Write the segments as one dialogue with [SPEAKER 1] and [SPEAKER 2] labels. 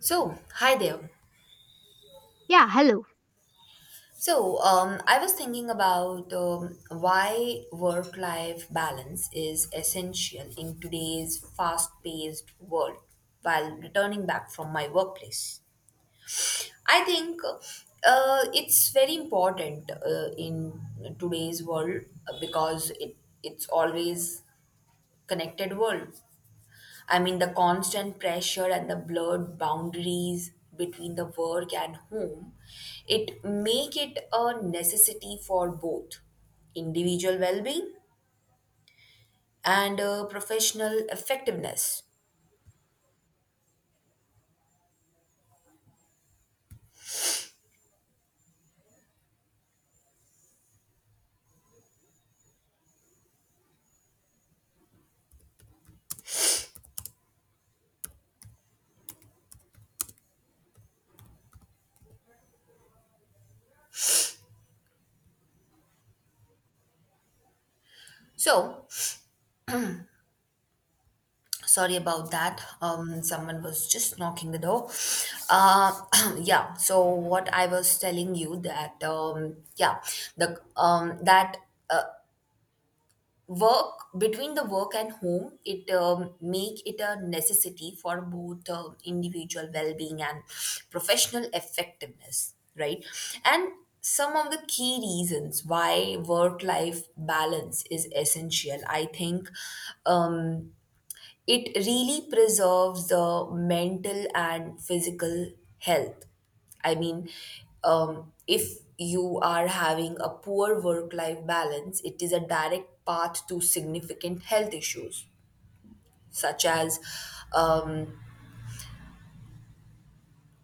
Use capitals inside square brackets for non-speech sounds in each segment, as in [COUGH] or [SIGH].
[SPEAKER 1] So, hi there.
[SPEAKER 2] Yeah, hello.
[SPEAKER 1] I was thinking about why work life balance is essential in today's fast paced world while returning back from my workplace. I think it's very important in today's world because it's always connected world. I mean, the constant pressure and the blurred boundaries between the work and home, it make it a necessity for both individual well-being and professional effectiveness. So, sorry about that. Someone was just knocking the door. Uh, [CLEARS THROAT] yeah. So what I was telling you that yeah, the that uh, work between the work and home it make it a necessity for both individual well-being and professional effectiveness, right? And some of the key reasons why work life balance is essential, I think um, it really preserves the mental and physical health. I mean, if you are having a poor work life balance, it is a direct path to significant health issues, such as, um,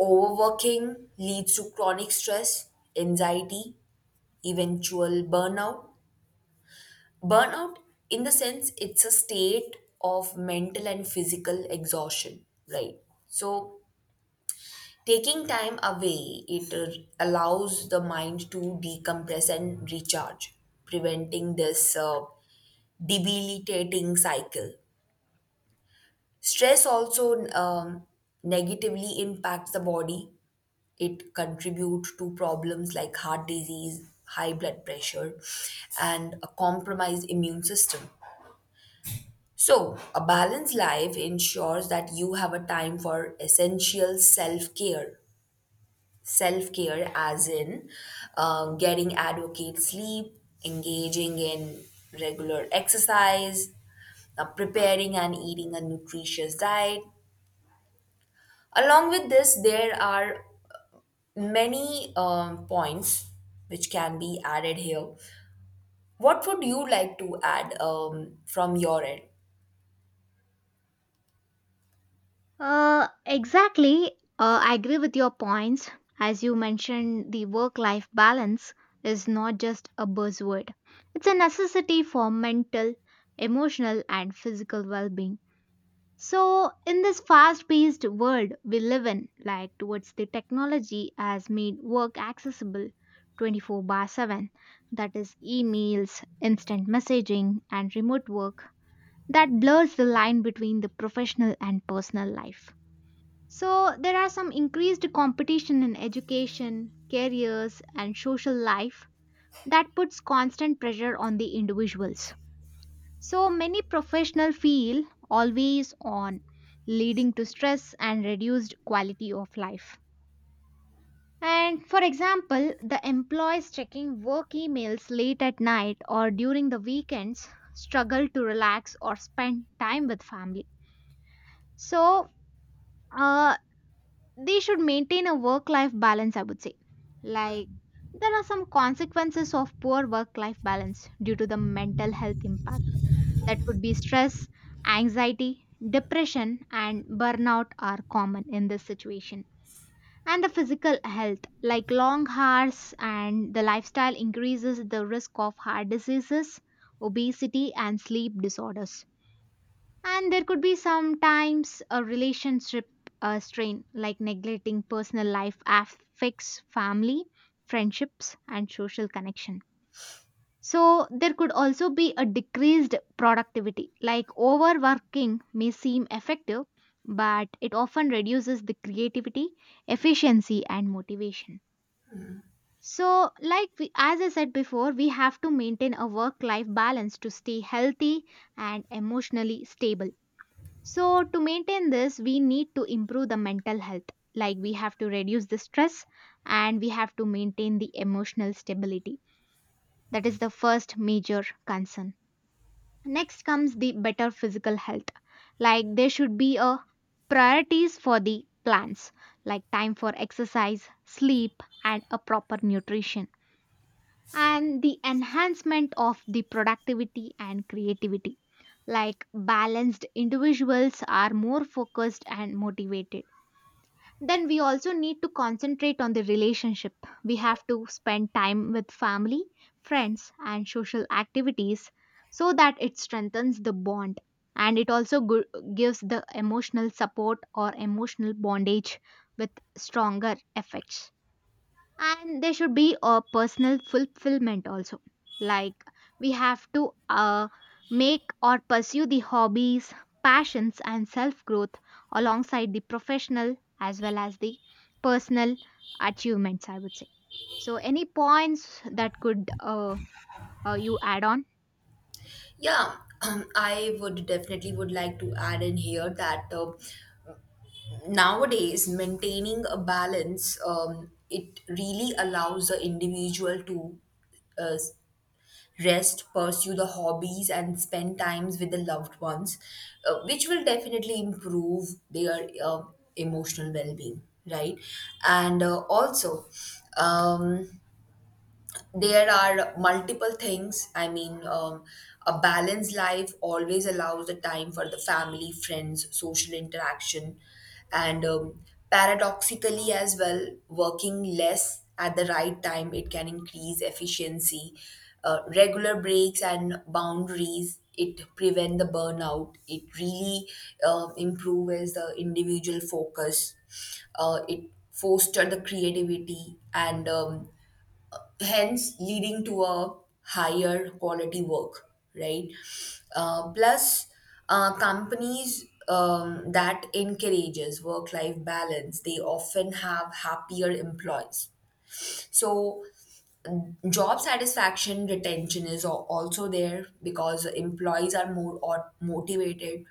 [SPEAKER 1] overworking leads to chronic stress, anxiety, eventual burnout. Burnout, in the sense, it's a state of mental and physical exhaustion, right? So, taking time away, it allows the mind to decompress and recharge, preventing this debilitating cycle. Stress also negatively impacts the body. It contributes to problems like heart disease, high blood pressure, and a compromised immune system. So, a balanced life ensures that you have a time for essential self care. Self care, as in, getting adequate sleep, engaging in regular exercise, preparing and eating a nutritious diet. Along with this, there are many points which can be added here. What would you like to add from your end?
[SPEAKER 2] Exactly. I agree with your points. As you mentioned, the work life balance is not just a buzzword, it's a necessity for mental, emotional, and physical well being. So, in this fast paced world we live in, like towards the technology has made work accessible 24/7, that is, emails, instant messaging, and remote work that blurs the line between the professional and personal life. So, there are some increased competition in education, careers, and social life that puts constant pressure on the individuals. So, many professionals feel always on, leading to stress and reduced quality of life. And for example, the employees checking work emails late at night or during the weekends struggle to relax or spend time with family. So, uh, they should maintain a work life balance, I would say. Like, there are some consequences of poor work life balance due to the mental health impact. That could be stress, anxiety, depression, and burnout are common in this situation. And the physical health, like long hours and the lifestyle increases the risk of heart diseases, obesity, and sleep disorders, and there could be sometimes a relationship strain, like neglecting personal life affects family, friendships, and social connection. So, there could also be a decreased productivity, like overworking may seem effective, but it often reduces the creativity, efficiency, and motivation. So, like as I said before, we have to maintain a work life balance to stay healthy and emotionally stable. So, to maintain this, we need to improve the mental health. Like, we have to reduce the stress and we have to maintain the emotional stability. That is the first major concern. Next comes the better physical health. Like, there should be a priorities for the plants, like time for exercise, sleep, and a proper nutrition, and the enhancement of the productivity and creativity, like balanced individuals are more focused and motivated. Then we also need to concentrate on the relationship. We have to spend time with family, friends, and social activities so that it strengthens the bond, and it also gives the emotional support or emotional bondage with stronger effects. And there should be a personal fulfillment also. Like, we have to make or pursue the hobbies, passions, and self growth alongside the professional as well as the personal achievements, I would say. So any points that could you add on?
[SPEAKER 1] Yeah. [CLEARS THROAT] I would definitely would like to add in here that nowadays maintaining a balance it really allows the individual to uh, rest, pursue the hobbies and spend times with the loved ones, which will definitely improve their emotional well-being, right? And also, um, there are multiple things. I mean, a balanced life always allows the time for the family, friends, social interaction, and paradoxically as well, working less at the right time it can increase efficiency. Regular breaks and boundaries it prevent the burnout. It really improves the individual focus. It foster the creativity and hence leading to a higher quality work, right? Plus, companies that encourages work-life balance, they often have happier employees. So, job satisfaction retention is also there because employees are more or motivated.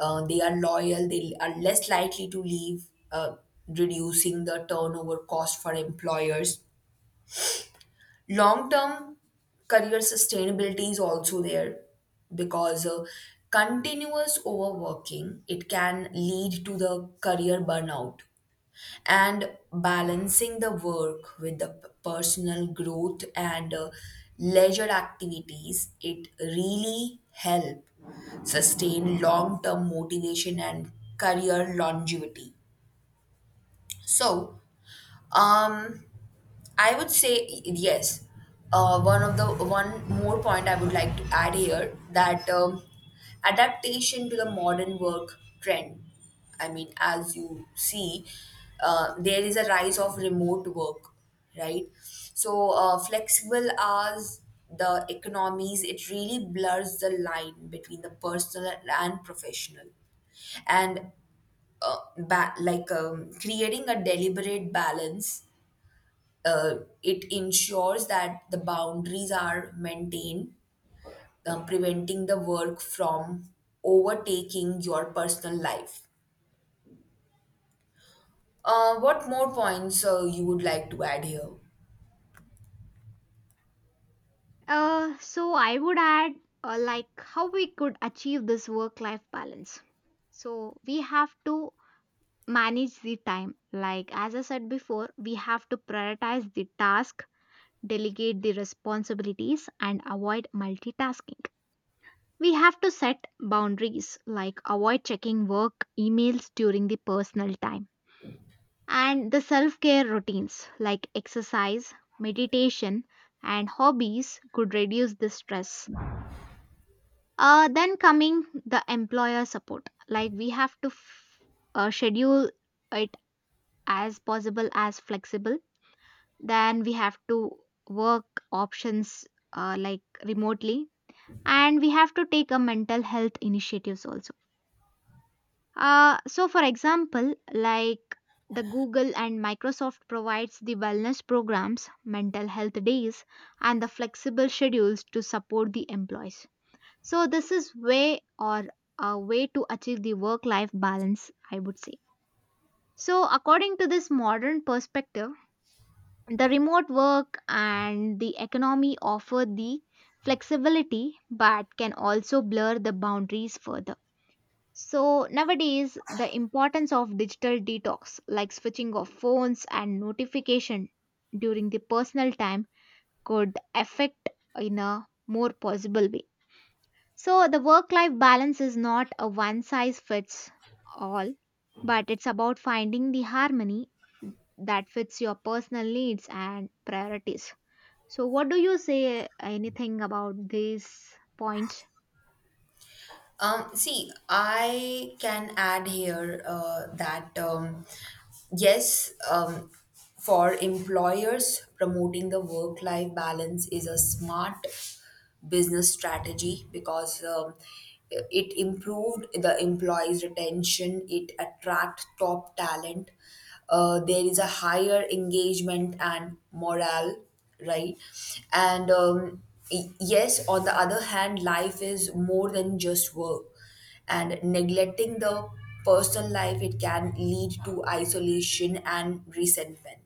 [SPEAKER 1] They are loyal, they are less likely to leave, uh, reducing the turnover cost for employers. Long term career sustainability is also there because continuous overworking it can lead to the career burnout, and balancing the work with the personal growth and leisure activities, it really help sustain long term motivation and career longevity. So um, I would say yes. One of the One more point I would like to add here that adaptation to the modern work trend. I mean, as you see, there is a rise of remote work, right? So flexible hours, the economies, it really blurs the line between the personal and professional, and creating a deliberate balance, uh, it ensures that the boundaries are maintained, preventing the work from overtaking your personal life. What more points you would like to add here?
[SPEAKER 2] So I would add, like how we could achieve this work life balance. So we have to manage the time, like as I said before, we have to prioritize the task, delegate the responsibilities, and avoid multitasking. We have to set boundaries, like avoid checking work emails during the personal time, and the self care routines like exercise, meditation, and hobbies could reduce the stress. Then coming the employer support, like we have to schedule it as possible as flexible. Then we have to work options, like remotely, and we have to take a mental health initiatives also. So for example, like the Google and Microsoft provides the wellness programs, mental health days, and the flexible schedules to support the employees. So this is way, or a way to achieve the work life balance, I would say. So according to this modern perspective, the remote work and the economy offer the flexibility but can also blur the boundaries further. So, nowadays, the importance of digital detox, like switching off phones and notification during the personal time, could affect in a more possible way. So, the work life balance is not a one size fits all, but it's about finding the harmony that fits your personal needs and priorities. So, what do you say, anything about these points?
[SPEAKER 1] See, I can add here that yes, for employers, promoting the work life balance is a smart business strategy because it improved the employees' retention, it attract top talent, there is a higher engagement and morale, right? And yes, on the other hand, life is more than just work. And neglecting the personal life, it can lead to isolation and resentment.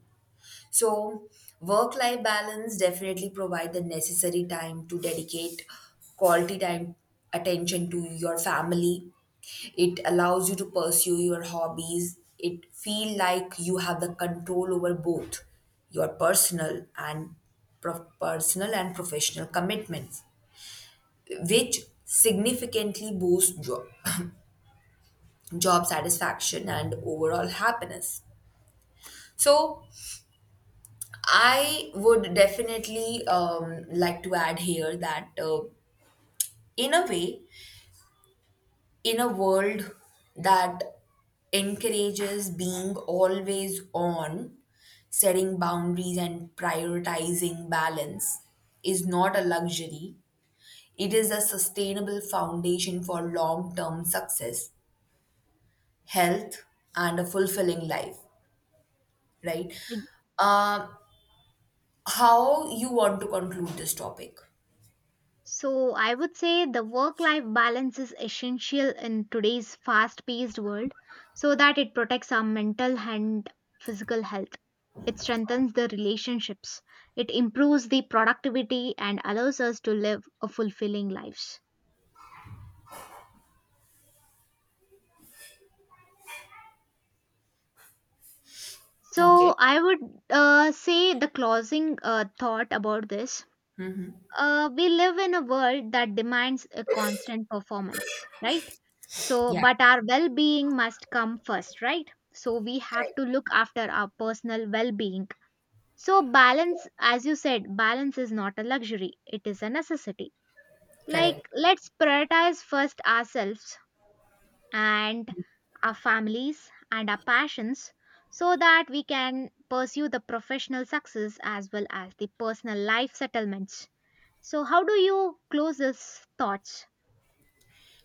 [SPEAKER 1] So, work life balance definitely provide the necessary time to dedicate quality time attention to your family. It allows you to pursue your hobbies. It feel like you have the control over both your personal and personal and professional commitments, which significantly boosts job satisfaction and overall happiness. So, I would definitely like to add here that, in a way, in a world that encourages being always on, setting boundaries and prioritizing balance is not a luxury. It is a sustainable foundation for long term success, health, and a fulfilling life, right?
[SPEAKER 2] Like,
[SPEAKER 1] Um, how you want to conclude this topic?
[SPEAKER 2] so, I would say the work life balance is essential in today's fast paced world so that it protects our mental and physical health. It strengthens the relationships, it improves the productivity, and allows us to live a fulfilling lives. So,
[SPEAKER 1] Okay.
[SPEAKER 2] I would say the closing thought about this. We live in a world that demands a constant performance, right? So,
[SPEAKER 1] Yeah.
[SPEAKER 2] but our well being must come first, right? So, we have to
[SPEAKER 1] Correct.
[SPEAKER 2] look after our personal well being. So, balance, as you said, balance is not a luxury, it is a necessity. Like,
[SPEAKER 1] Correct.
[SPEAKER 2] let's prioritize first ourselves and our families and our passions so that we can pursue the professional success as well as the personal life settlements. So, how do you close these thoughts?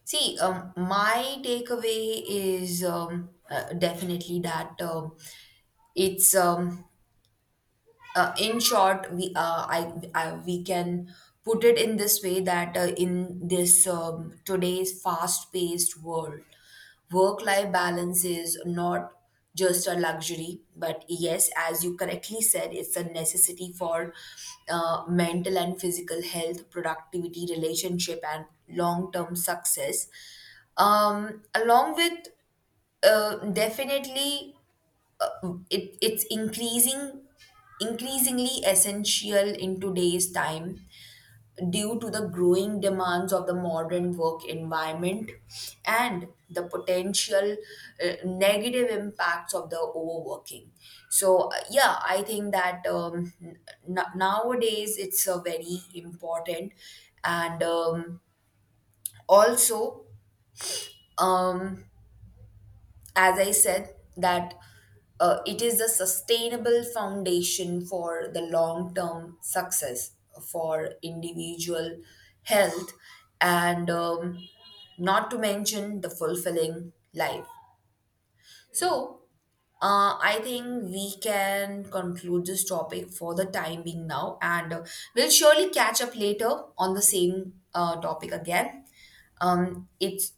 [SPEAKER 1] See, my takeaway is definitely that it's in short we I we can put it in this way that in this today's fast paced world, work life balance is not just a luxury, but yes, as you correctly said, it's a necessity for mental and physical health, productivity, relationship and long term success, along with definitely it's increasingly essential in today's time due to the growing demands of the modern work environment and the potential negative impacts of the overworking. So yeah, I think that nowadays it's a very important, and also, um, as I said, that it is a sustainable foundation for the long term success for individual health and not to mention the fulfilling life. So, I think we can conclude this topic for the time being now, and we'll surely catch up later on the same topic again. It's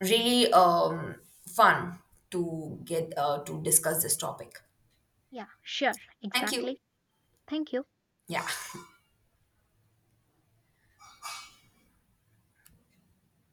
[SPEAKER 1] really fun to get to discuss this topic.
[SPEAKER 2] Yeah, sure,
[SPEAKER 1] Thank you.
[SPEAKER 2] exactly. Thank you.
[SPEAKER 1] Yeah.